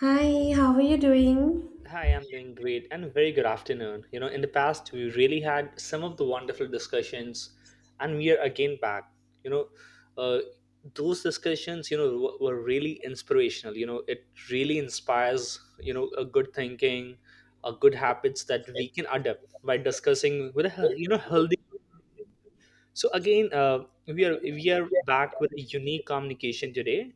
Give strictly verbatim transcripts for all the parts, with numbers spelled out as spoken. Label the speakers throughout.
Speaker 1: Hi, how are you doing?
Speaker 2: Hi, I'm doing great and very good afternoon. You know, in the past, we really had some of the wonderful discussions, and we are again back. You know, uh, those discussions, you know, w- were really inspirational. You know, it really inspires, you know, a good thinking, a good habits that we can adopt by discussing with a, he- you know, healthy. So again, uh, we are we are back with a unique communication today.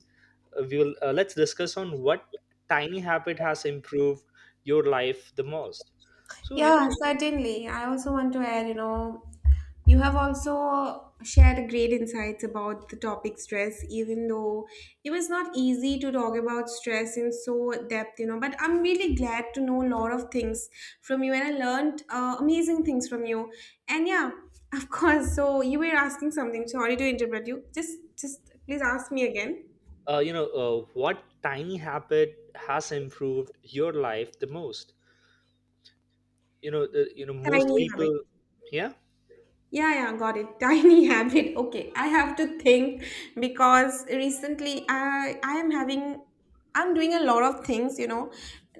Speaker 2: Uh, we will uh, let's discuss on what tiny habit has improved your life the most. So you
Speaker 1: Yeah, certainly. I also want to add, you know, you have also shared great insights about the topic stress, even though it was not easy to talk about stress in so depth, you know. But I'm really glad to know a lot of things from you, and I learned uh, amazing things from you. And yeah, of course. So you were asking something. Sorry to interrupt you. Just, just please ask me again.
Speaker 2: uh, you know uh, what tiny habit has improved your life the most? You know the, you know most
Speaker 1: Tiny
Speaker 2: people.
Speaker 1: habit.
Speaker 2: Yeah.
Speaker 1: Yeah, yeah, got it. Tiny habit. Okay, I have to think because recently I I am having I'm doing a lot of things, you know.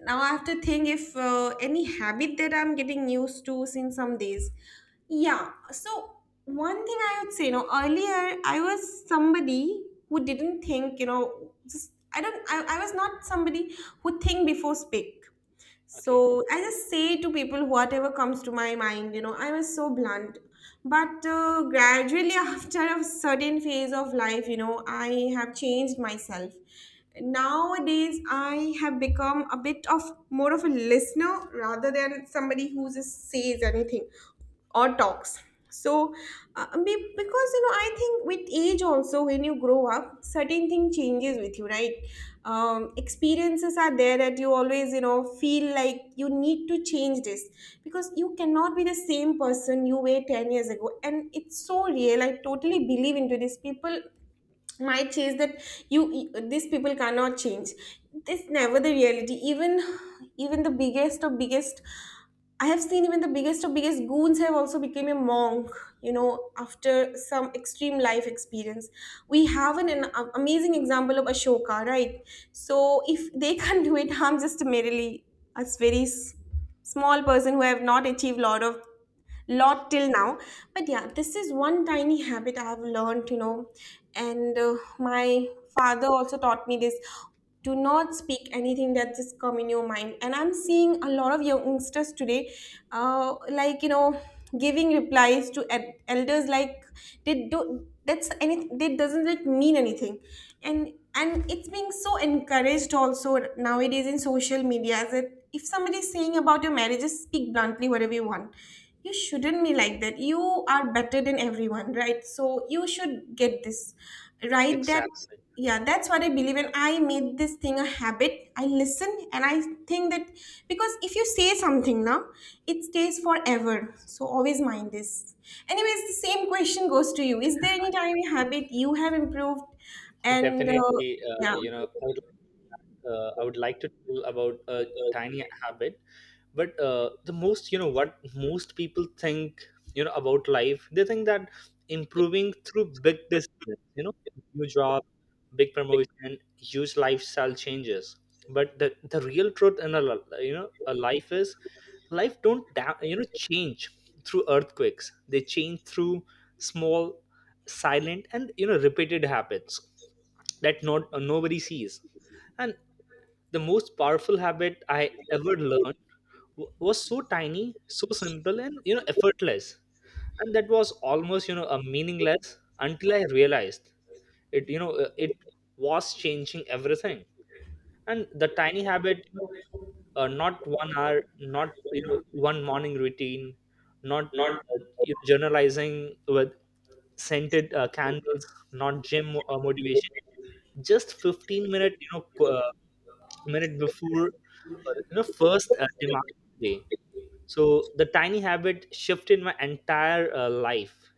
Speaker 1: Now I have to think if uh, any habit that I'm getting used to since some days. Yeah. So one thing I would say, you know, earlier I was somebody who didn't think, you know, just I don't I, I was not somebody who think before speak.
Speaker 2: Okay.
Speaker 1: So I just say to people whatever comes to my mind, you know, I was so blunt. But uh, gradually, after a certain phase of life, you know, I have changed myself. Nowadays, I have become a bit of more of a listener rather than somebody who just says anything or talks. So uh, be- because you know I think with age also, when you grow up, certain thing changes with you, right? Um, experiences are there that you always you know feel like you need to change this, because you cannot be the same person you were ten years ago, and it's so real. I totally believe into this. People might change that. You, these people cannot change. It's never the reality. Even even the biggest of biggest, I have seen even the biggest of biggest goons have also become a monk, you know after some extreme life experience. We have an, an amazing example of Ashoka, right? So if they can't do it, I'm just merely a very s- small person who have not achieved lot of lot till now. But yeah, this is one tiny habit I have learned you know And uh, my father also taught me this: do not speak anything that just come in your mind. And I'm seeing a lot of youngsters today, uh, like you know giving replies to ed- elders, like they do that's anything that doesn't like mean anything. And and it's being so encouraged also nowadays in social media that if somebody is saying about your marriage, just speak bluntly whatever you want. You shouldn't be like that. You are better than everyone, right? So you should get this right. That,
Speaker 2: Exactly.
Speaker 1: yeah, that's what I believe. And I made this thing a habit. I listen and I think that, because if you say something now, it stays forever, so always mind this. Anyways, the same question goes to you: is there any tiny habit you have improved? And uh,
Speaker 2: Definitely. Uh,
Speaker 1: yeah.
Speaker 2: you know I would, uh, I would like to tell about a tiny habit, but uh, the most, you know what most people think you know about life, they think that improving through big decisions, you know new job, big promotion, huge lifestyle changes. But the, the real truth in a li- you know a life is, life don't da- you know change through earthquakes. They change through small, silent, and you know repeated habits that not uh, nobody sees. And the most powerful habit I ever learned w- was so tiny, so simple, and you know effortless. And that was almost you know a meaningless, until I realized it. You know uh, it was changing everything. And the tiny habit, you know, uh, not one hour, not you know one morning routine, not uh, you know, journalizing with scented uh, candles, not gym uh, motivation. Just fifteen minute, you know, qu- uh, minute before, uh, you know, first uh, demand day. So the tiny habit shifted my entire uh, life.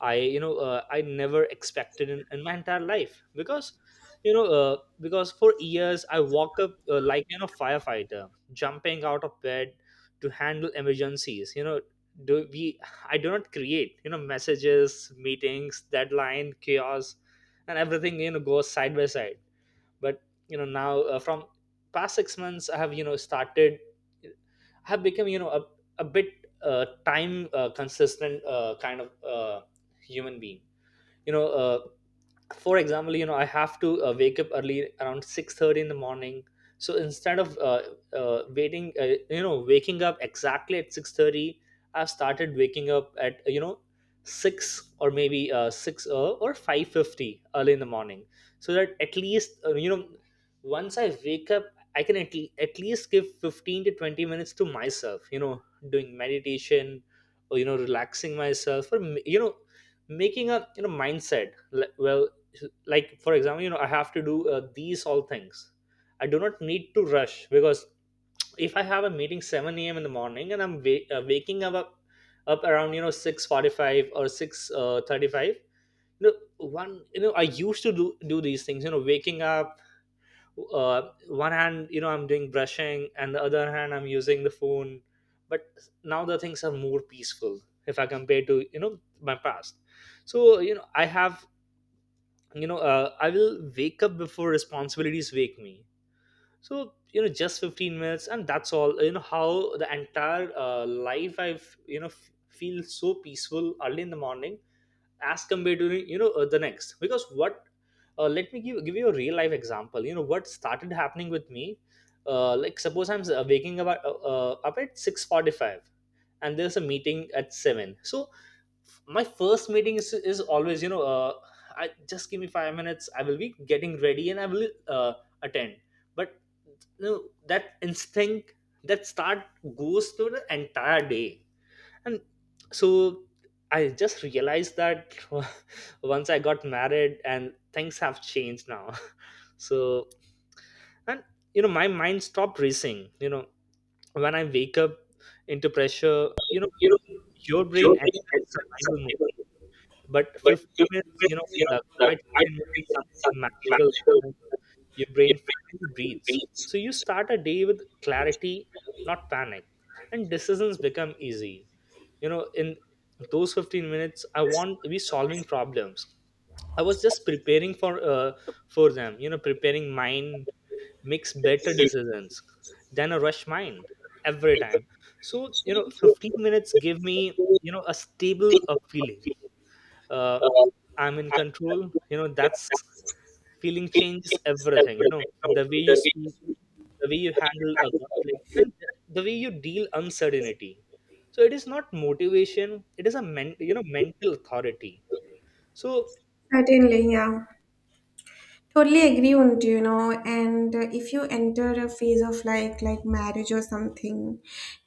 Speaker 2: I you know uh, I never expected in, in my entire life, because you know uh, because for years I walk up uh, like, you know firefighter jumping out of bed to handle emergencies. You know do we I do not create, you know messages, meetings, deadline chaos, and everything you know goes side by side. But you know now, uh, from past six months I have you know started, have become you know a, a bit uh, time uh, consistent uh, kind of uh, human being. you know uh, for example, you know I have to uh, wake up early around six thirty in the morning. So instead of uh, uh, waiting, uh, you know waking up exactly at six thirty, I've started waking up at you know six, or maybe uh, six, uh, or five fifty early in the morning. So that at least, uh, you know once I wake up, I can at, le- at least give fifteen to twenty minutes to myself, you know doing meditation, or you know relaxing myself, or m- you know making a you know mindset. Like, well, like, for example, you know I have to do uh, these all things. I do not need to rush, because if I have a meeting seven a.m in the morning and I'm wa- uh, waking up, up around, you know six forty-five or six thirty-five. You know one you know I used to do do these things, you know waking up. uh, One hand, you know I'm doing brushing, and the other hand I'm using the phone. But now the things are more peaceful if I compare to you know my past. So you know I have, you know uh, I will wake up before responsibilities wake me. So, you know just fifteen minutes, and that's all. You know how the entire uh, life I've, you know f- feel so peaceful early in the morning as compared to you know uh, the next, because what? Uh, let me give, give you a real life example, you know what started happening with me. uh, like, suppose I'm uh, waking up at, uh, uh, up at six forty-five, and there's a meeting at seven. So my first meeting is, is always, you know uh, I just give me five minutes, I will be getting ready and I will uh, attend. But, you know, that instinct that start goes through the entire day. And so, I just realized that once I got married, and things have changed now. So, and you know my mind stopped racing, you know when I wake up into pressure. You know your brain enters survival mode, but fifteen minutes, you know, the quiet fifteen minutes, something magical. happens. Your brain finally breathes. So you start a day with clarity, not panic. And decisions become easy. You know, in those fifteen minutes, I want to be solving problems. I was just preparing for uh, for them, you know, preparing mind makes better decisions than a rush mind every time. So, you know, fifteen minutes give me, you know, a stable uh, feeling, uh, I'm in control. You know, that's feeling changes everything. You know, the way you speak, the way you handle a conflict, and the way you deal uncertainty. So it is not motivation; it is a men- you know mental authority. So,
Speaker 1: Certainly, yeah. Totally agree on, you know, and uh, if you enter a phase of like like marriage or something,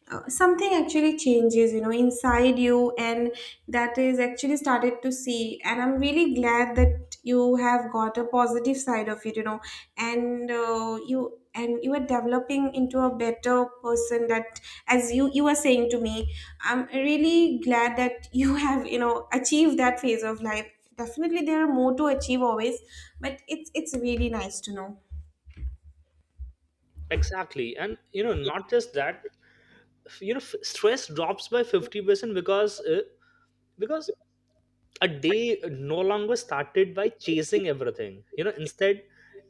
Speaker 1: uh, something actually changes, you know, inside you, and that is actually started to see. And I'm really glad that you have got a positive side of it, you know, and uh, you, and you are developing into a better person. That, as you you were saying to me, I'm really glad that you have, you know, achieved that phase of life. Definitely there are more to achieve always, but it's it's really nice to know.
Speaker 2: exactly, and you know, not just that. You know, f- stress drops by fifty percent because uh, because a day no longer started by chasing everything, you know instead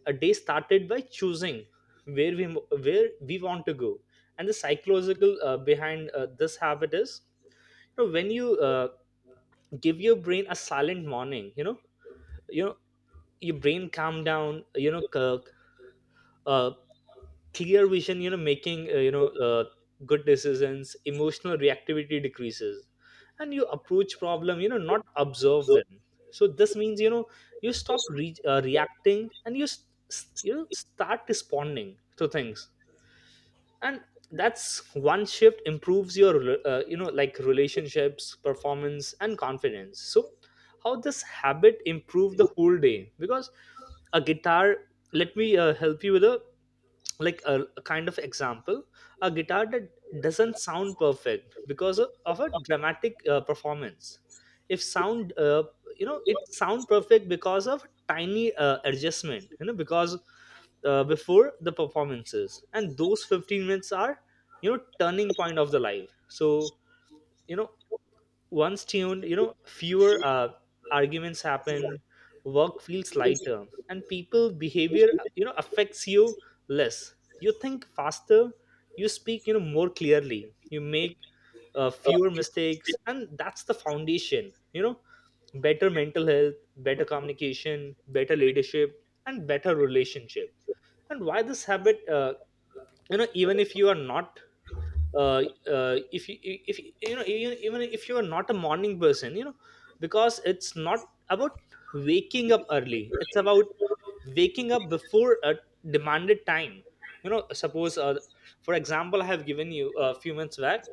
Speaker 2: a day started by choosing where we where we want to go. And the psychological uh, behind uh, this habit is, you know, when you uh, give your brain a silent morning, you know you know your brain calm down, you know c- uh, clear vision, you know making, uh, you know uh, good decisions, emotional reactivity decreases, and you approach problem, you know not observe them. So this means, you know you stop re- uh, reacting, and you s- s- you know start responding to things. And that's one shift, improves your rela- uh, you know like relationships, performance, and confidence. So, how this habit improved the whole day? Because, a guitar, let me uh, help you with a like a, a kind of example. A guitar that doesn't sound perfect because of, of a dramatic uh, performance, if sound, uh, you know it sound perfect because of tiny uh, adjustment, you know because, uh, before the performances, and those fifteen minutes are, you know turning point of the live. So, you know once tuned, you know, fewer uh, arguments happen, work feels lighter, and people behavior, you know, affects you less. You think faster, you speak, you know, more clearly, you make uh, fewer mistakes, and that's the foundation, you know, better mental health, better communication, better leadership, and better relationship. And why this habit, uh, you know, even if you are not, uh, uh, if you if you, you know even, even if you are not a morning person, you know, because it's not about waking up early, it's about waking up before a demanded time. you know suppose, uh, for example, I have given you a few minutes back,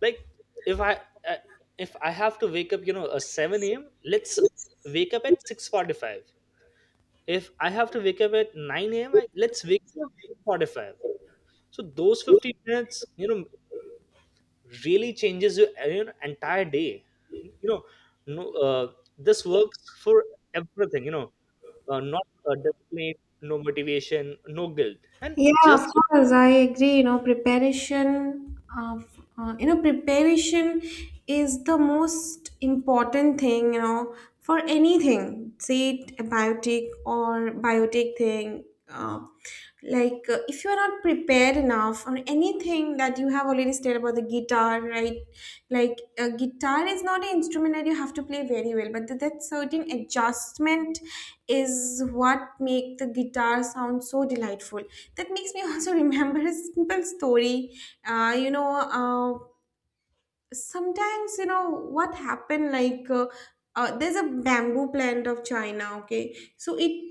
Speaker 2: like if I, uh, if I have to wake up, you know a seven a.m, let's wake up at six forty-five. If I have to wake up at nine a.m, I, let's wake up at eight forty-five. So those fifteen minutes, you know really changes your, uh, you know, entire day. you know no, uh, this works for everything, you know uh, not uh, discipline, no motivation, no guilt, and
Speaker 1: Yeah, of
Speaker 2: just,
Speaker 1: course, I agree. You know, preparation of, uh, you know, preparation is the most important thing. You know, for anything, say it a biotic or biotic thing. Uh, like uh, if you are not prepared enough on any anything that you have already stated about the guitar, right? Like, a guitar is not an instrument that you have to play very well, but that that certain adjustment is what make the guitar sound so delightful. That makes me also remember a simple story. Uh, you know. Uh, Sometimes you know what happened, like uh, uh, there's a bamboo plant of China, okay? So it,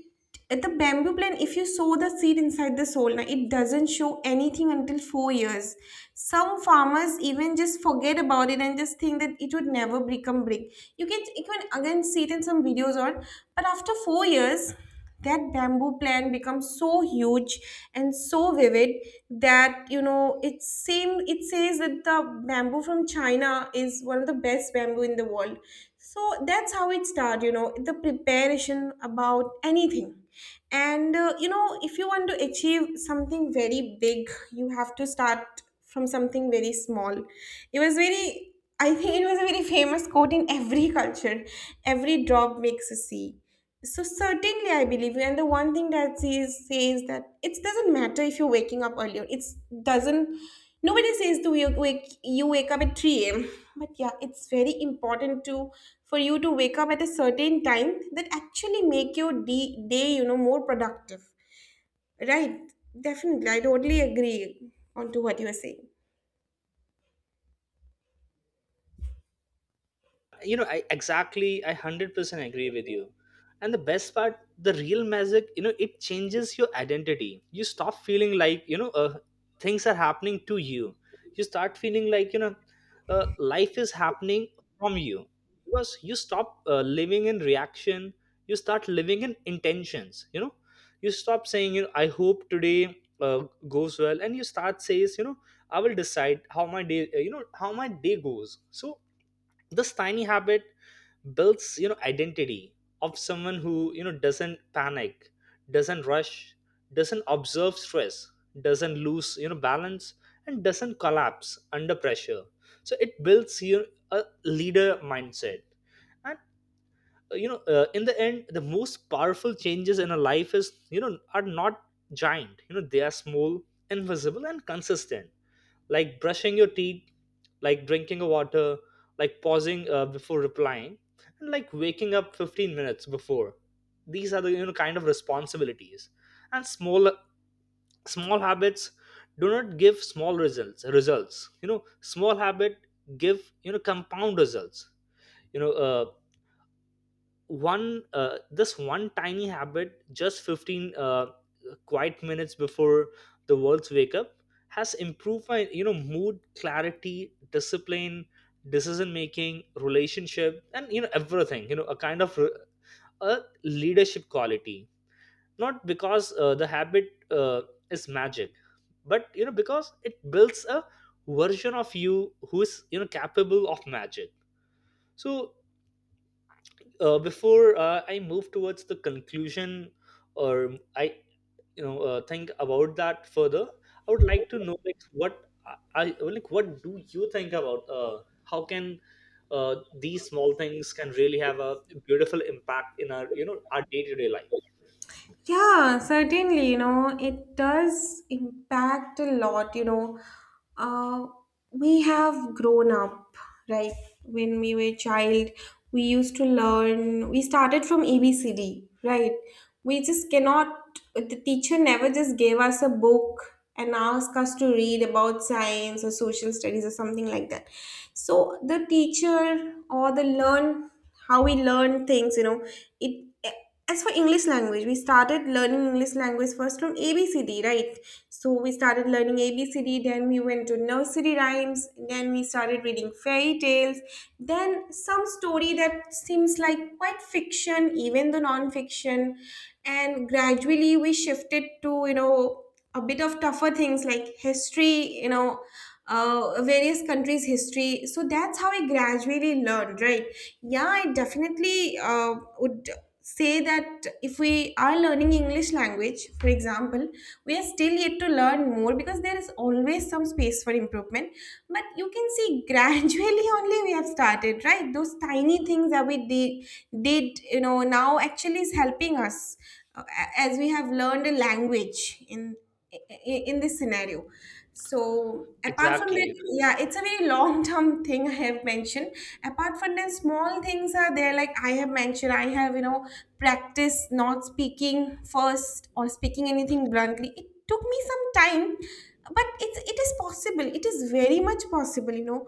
Speaker 1: at the bamboo plant, if you sow the seed inside the soil, now it doesn't show anything until four years. Some farmers even just forget about it and just think that it would never become big. You can you can again see it in some videos on. But after four years, that bamboo plant becomes so huge and so vivid that, you know, it seem, it says that the bamboo from China is one of the best bamboo in the world. So that's how it started, you know, the preparation about anything. And uh, you know, if you want to achieve something very big, you have to start from something very small. It was very, I think it was a very famous quote in every culture: every drop makes a sea. So certainly, I believe you. And the one thing that she is, says that it doesn't matter if you're waking up earlier. It's doesn't. Nobody says to you wake, you wake up at three a m. But yeah, it's very important to, for you to wake up at a certain time that actually make your de- day, you know, more productive, right? Definitely, I totally agree onto what you are saying.
Speaker 2: you know I exactly, I one hundred percent agree with you. And the best part, the real magic, you know it changes your identity. You stop feeling like, you know uh, things are happening to you, you start feeling like, you know uh, life is happening from you, because you stop uh, living in reaction, you start living in intentions. you know you stop saying, you know I hope today uh, goes well, and you start says, you know I will decide how my day, uh, you know how my day goes. So this tiny habit builds, you know identity of someone who, you know doesn't panic, doesn't rush, doesn't observe stress, doesn't lose you know balance, and doesn't collapse under pressure. So it builds you a leader mindset. And, uh, you know uh, in the end, the most powerful changes in a life is, you know are not giant, you know they are small, invisible, and consistent. Like brushing your teeth, like drinking a water, like pausing uh, before replying, and like waking up fifteen minutes before. These are the, you know kind of responsibilities, and small small habits do not give small results. Results, you know, small habit give, you know compound results. You know, uh, one uh, this one tiny habit, just fifteen Uh, quiet minutes before the world's wake up has improved my you know mood, clarity, discipline, decision making, relationship, and you know everything, you know a kind of re- a leadership quality, not because uh, the habit uh, is magic, but you know because it builds a version of you who is you know capable of magic. So uh, before uh, I move towards the conclusion, or I you know uh, think about that further, I would like to know, like, what i I- like, what do you think about uh, how can uh, these small things can really have a beautiful impact in our you know our day-to-day life?
Speaker 1: Yeah, certainly, you know, it does impact a lot, you know. Uh, we have grown up, right? When we were child, we used to learn, we started from A B C D, right? We just cannot, the teacher never just gave us a book and asked us to read about science or social studies or something like that. So the teacher or the learn, how we learn things, you know, it, as for English language, we started learning English language first from A B C D, right? So we started learning A B C D, then we went to nursery rhymes, then we started reading fairy tales, then some story that seems like quite fiction, even the non-fiction. And gradually we shifted to, you know, a bit of tougher things like history, you know, uh, various countries' history. So that's how I gradually learned, right? Yeah, I definitely uh, would say that if we are learning English language, for example, we are still yet to learn more because there is always some space for improvement. But you can see gradually only we have started, right? Those tiny things that we did, did you know, now actually is helping us uh, a- as we have learned a language in i- in this scenario. So apart from that,
Speaker 2: Exactly,
Speaker 1: yeah, it's a very long term thing I have mentioned. Apart from that, small things are there. Like I have mentioned, I have, you know, practice not speaking first or speaking anything bluntly. It took me some time, but it's it is possible. It is very much possible, you know.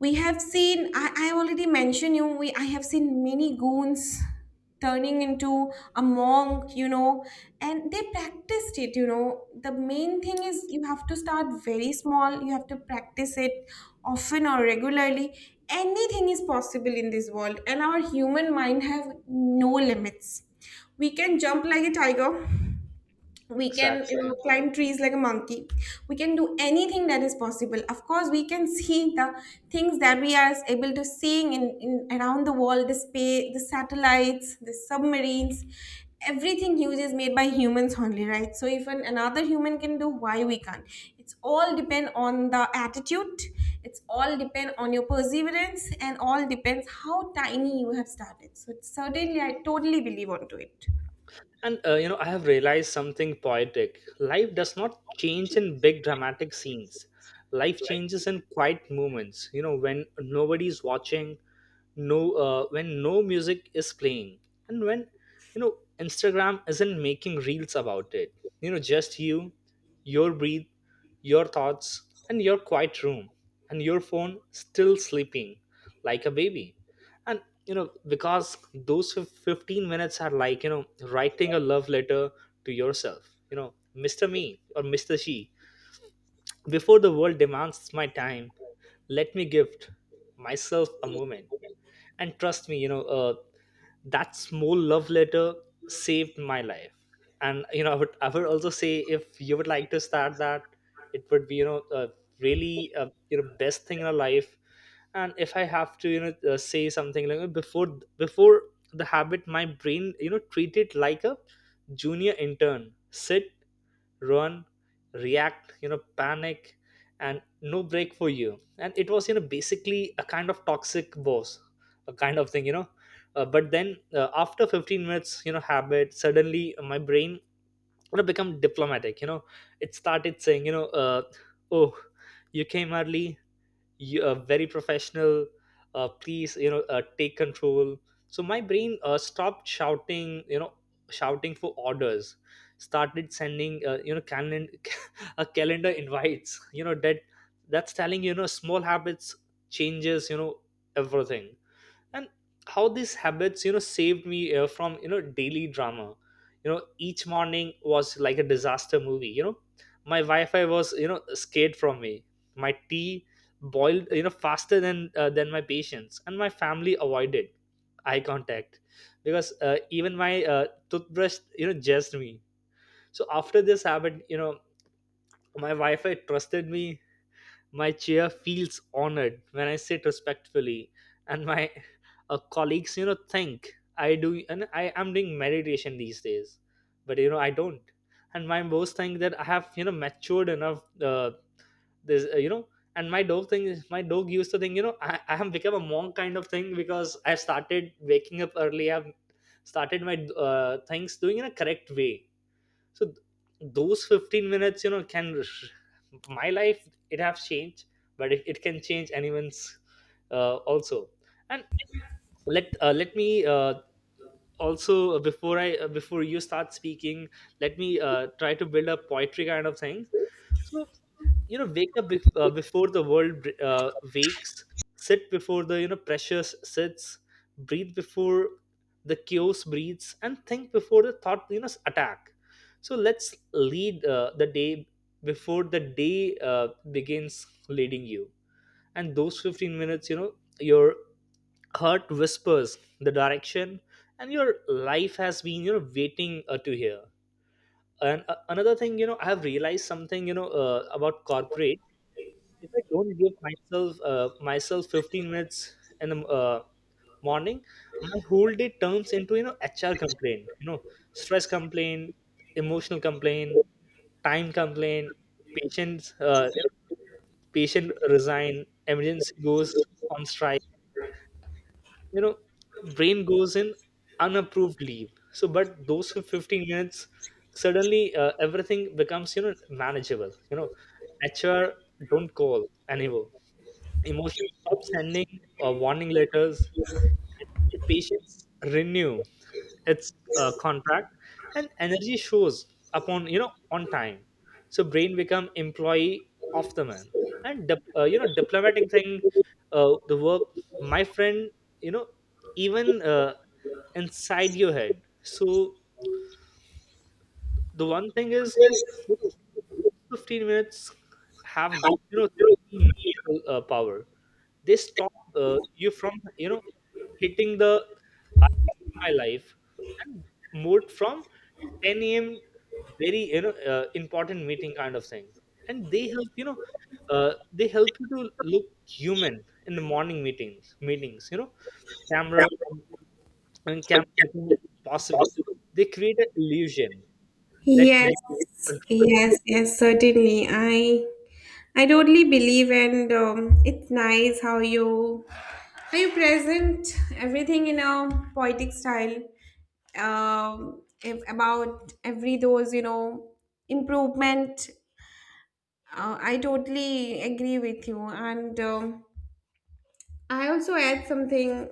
Speaker 1: We have seen, I, I already mentioned you, we, I have seen many goons turning into a monk, you know, and they practiced it, you know. The main thing is you have to start very small, you have to practice it often or regularly. Anything is possible in this world, and our human mind have no limits. We can jump like a tiger, we can
Speaker 2: exactly.
Speaker 1: uh, climb trees like a monkey. We can do anything that is possible. Of course, we can see the things that we are able to seeing in, in around the world, the space, the satellites, the submarines, everything huge is made by humans only, right? So if an, another human can do, why we can't? It's all depend on the attitude, it's all depend on your perseverance, and all depends how tiny you have started. So certainly, I totally believe onto it.
Speaker 2: And uh, you know I have realized something poetic. Life does not change in big dramatic scenes. Life changes in quiet moments, you know, when nobody's watching, no uh, when no music is playing, and when, you know, Instagram isn't making reels about it, you know, just you, your breath, your thoughts, and your quiet room, and your phone still sleeping like a baby. And, you know, because those fif- fifteen minutes are like, you know, writing a love letter to yourself, you know, Mr. Me or Mr. She. Before the world demands my time, let me gift myself a moment. And trust me, you know uh, that small love letter saved my life. And, you know, i would i would also say, if you would like to start that, it would be you know uh, really, uh, you know best thing in our life. And if I have to, you know uh, say something like, uh, before before the habit, my brain, you know, treat it like a junior intern: sit, run, react, you know, panic, and no break for you. And it was, you know, basically a kind of toxic boss, a kind of thing, you know. Uh, but then uh, after fifteen minutes, you know, habit, suddenly my brain would have become diplomatic, you know. It started saying, you know uh, oh, you came early, you, uh, very professional, uh, please, you know uh, take control. So my brain uh, stopped shouting, you know, shouting for orders, started sending, uh, you know calendar, a calendar invites, you know. That, that's telling, you know, small habits changes, you know, everything. And how these habits, you know, saved me uh, from, you know, daily drama. You know, each morning was like a disaster movie, you know. My wi-fi was, you know, scared from me. My tea boiled, you know, faster than uh, than my patience, and my family avoided eye contact, because uh, even my uh, toothbrush, you know, judged me. So after this habit, you know, my wi-fi trusted me, my chair feels honored when I sit respectfully, and my uh, colleagues, you know, think I do, and I am doing meditation these days, but, you know, I don't. And my boss think that I have, you know, matured enough. Uh, this, uh, you know, and my dog thing is, my dog used to think, you know, I, I have become a monk kind of thing, because I started waking up early. I've started my uh, things doing in a correct way. So th- those fifteen minutes, you know, can sh- my life, it have changed, but it, it can change anyone's uh, also. And let uh, let me uh, also, uh, before i uh, before you start speaking, let me uh, try to build a poetry kind of thing. So, you know, wake up bef- uh, before the world uh, wakes, sit before the, you know, precious sits, breathe before the chaos breathes, and think before the thought, you know, attack. So let's lead uh, the day before the day uh, begins leading you. And those fifteen minutes, you know, your heart whispers the direction, and your life has been, you know, waiting uh, to hear. And uh, another thing, you know, I have realized something, you know uh, about corporate. If I don't give myself uh, myself fifteen minutes in the uh, morning, my whole day turns into, you know, H R complaint, you know, stress complaint, emotional complaint, time complaint, patients uh, you know, patient resign, emergency goes on strike, you know, brain goes in unapproved leave. So, but those fifteen minutes, suddenly uh, everything becomes, you know, manageable. You know, H R don't call anymore. Emotions stop sending uh, warning letters. The patients renew its uh, contract, and energy shows upon, you know, on time. So brain become employee of the man, and dip- uh, you know, diplomatic thing, uh, the work. My friend, you know, even uh, inside your head. So the one thing is, you know, fifteen minutes have, you know, magical uh, power. They stop, uh, you, from, you know, hitting the I hate my life, and moved from ten a m very, you know uh, important meeting kind of thing, and they help, you know, uh, they help you to look human in the morning meetings meetings, you know, camera on- and camera become possible. They create an illusion that
Speaker 1: Yes,
Speaker 2: you control
Speaker 1: yes, yes, certainly. I I totally believe, and um, it's nice how you how you present everything in a poetic style. Um, if, about every those, you know, improvement, uh, I totally agree with you, and um, I also add something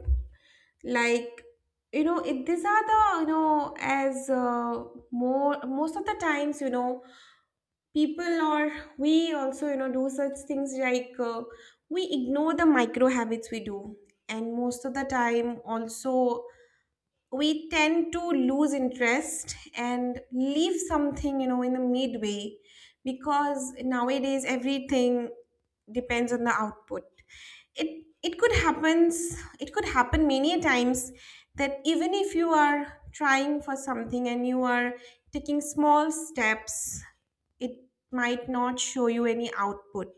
Speaker 1: like, you know, it, these are the, you know, as uh, more most of the times, you know, people or we also, you know, do such things like uh, we ignore the micro habits we do. And most of the time also, we tend to lose interest and leave something, you know, in the midway, because nowadays everything depends on the output. it it could happens, it could happen many a times that even if you are trying for something and you are taking small steps, it might not show you any output,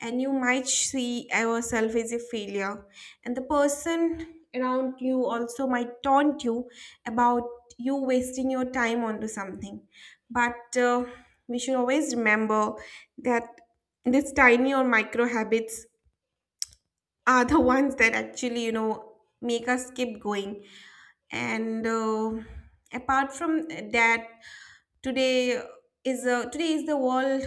Speaker 1: and you might see yourself as a failure, and the person around you also might taunt you about you wasting your time onto something. But uh, we should always remember that these tiny or micro habits are the ones that actually, you know, make us keep going. And uh, apart from that, today is a, today is the world,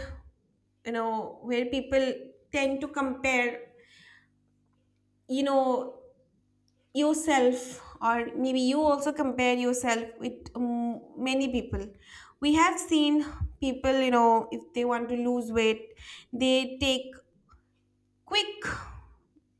Speaker 1: you know, where people tend to compare, you know, yourself, or maybe you also compare yourself with, um, many people. We have seen people, you know, if they want to lose weight, they take quick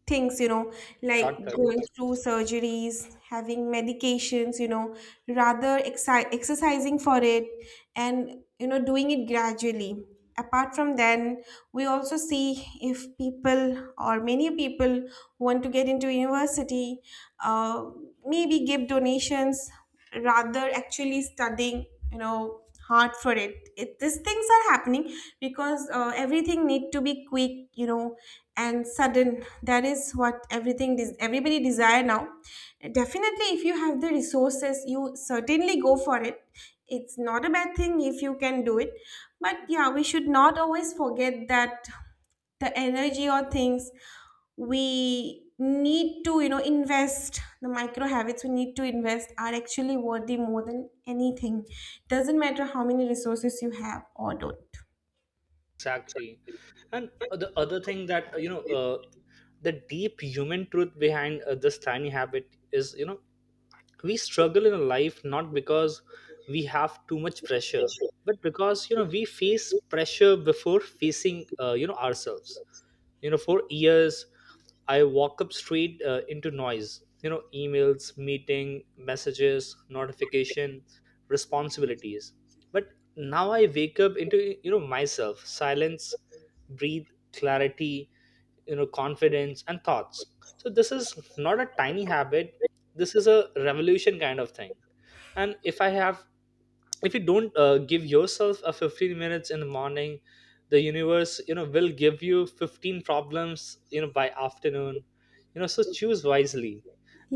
Speaker 1: things, you know, like
Speaker 2: shortcut.
Speaker 1: going through surgeries, having medications, you know, rather exci- exercising for it and, you know, doing it gradually. Apart from then, we also see if people or many people who want to get into university, uh, maybe give donations rather actually studying, you know, hard for it. It these things are happening because uh, everything need to be quick, you know, and sudden. That is what everything des- everybody desire now. Definitely if you have the resources, you certainly go for it. It's not a bad thing if you can do it. But yeah, we should not always forget that the energy or things we need to, you know, invest, the micro habits we need to invest are actually worthy more than anything. Doesn't matter how many resources you have or don't.
Speaker 2: Exactly, and the other thing that, uh, you know. Uh, the deep human truth behind uh, this tiny habit is, you know, we struggle in life not because we have too much pressure, but because, you know, we face pressure before facing, uh, you know ourselves. You know, for years, I walk up straight uh, into noise, you know, emails, meeting, messages, notification, responsibilities. But now I wake up into, you know, myself, silence, breathe, clarity, you know, confidence, and thoughts. So this is not a tiny habit. This is a revolution kind of thing. And if I have, if you don't uh, give yourself a fifteen minutes in the morning, the universe, you know, will give you fifteen problems, you know, by afternoon, you know. So choose wisely.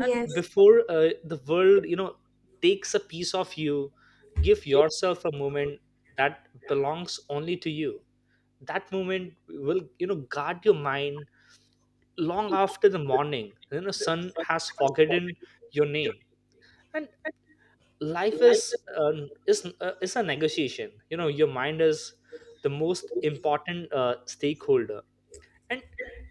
Speaker 2: And before uh, the world, you know, takes a piece of you, give yourself a moment that belongs only to you. That moment will, you know, guard your mind long after the morning, you know, sun has forgotten your name. And life is, um, is uh, is a negotiation, you know. Your mind is the most important uh, stakeholder, and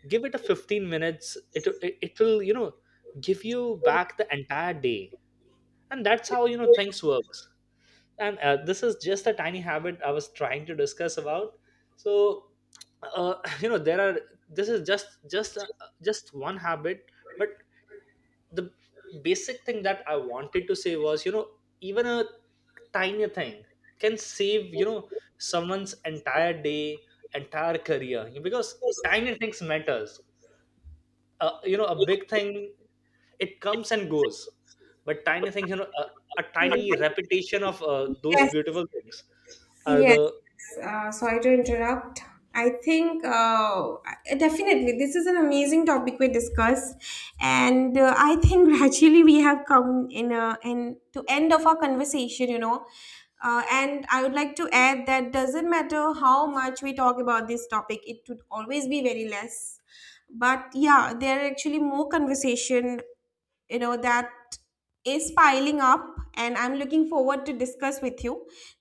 Speaker 2: give it a fifteen minutes. It, it it will, you know, give you back the entire day. And that's how, you know, things works. And uh, this is just a tiny habit I was trying to discuss about. So uh, you know, there are, this is just just uh, just one habit. But the basic thing that I wanted to say was, you know, even a tiny thing can save, you know, someone's entire day, entire career, because tiny things matters. uh, you know a big thing, it comes and goes, but tiny things, you know, a, a
Speaker 1: Yes.
Speaker 2: tiny repetition of uh, those
Speaker 1: Yes,
Speaker 2: beautiful things are
Speaker 1: yes.
Speaker 2: the
Speaker 1: Uh, sorry to interrupt. I think, uh, definitely this is an amazing topic we discussed, and uh, I think gradually we have come in a, in to end of our conversation. You know, uh, and I would like to add that doesn't matter how much we talk about this topic, it would always be very less. But yeah, there are actually more conversation, you know, that is piling up, and I'm looking forward to discuss with you.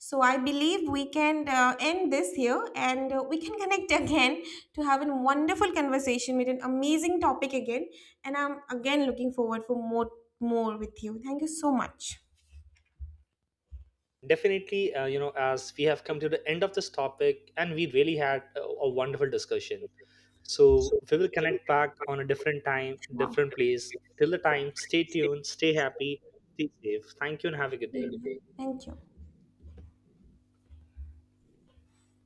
Speaker 1: So I believe we can uh, end this here, and uh, we can connect again to have a wonderful conversation with an amazing topic again. And I'm again looking forward for more more with you. Thank you so much.
Speaker 2: definitely, uh, you know, as we have come to the end of this topic, and we really had a, a wonderful discussion. So we will connect back on a different time,
Speaker 1: Wow.
Speaker 2: different place. Till the time, stay tuned, stay happy, stay safe. Thank you, and have a good day.
Speaker 1: Thank you.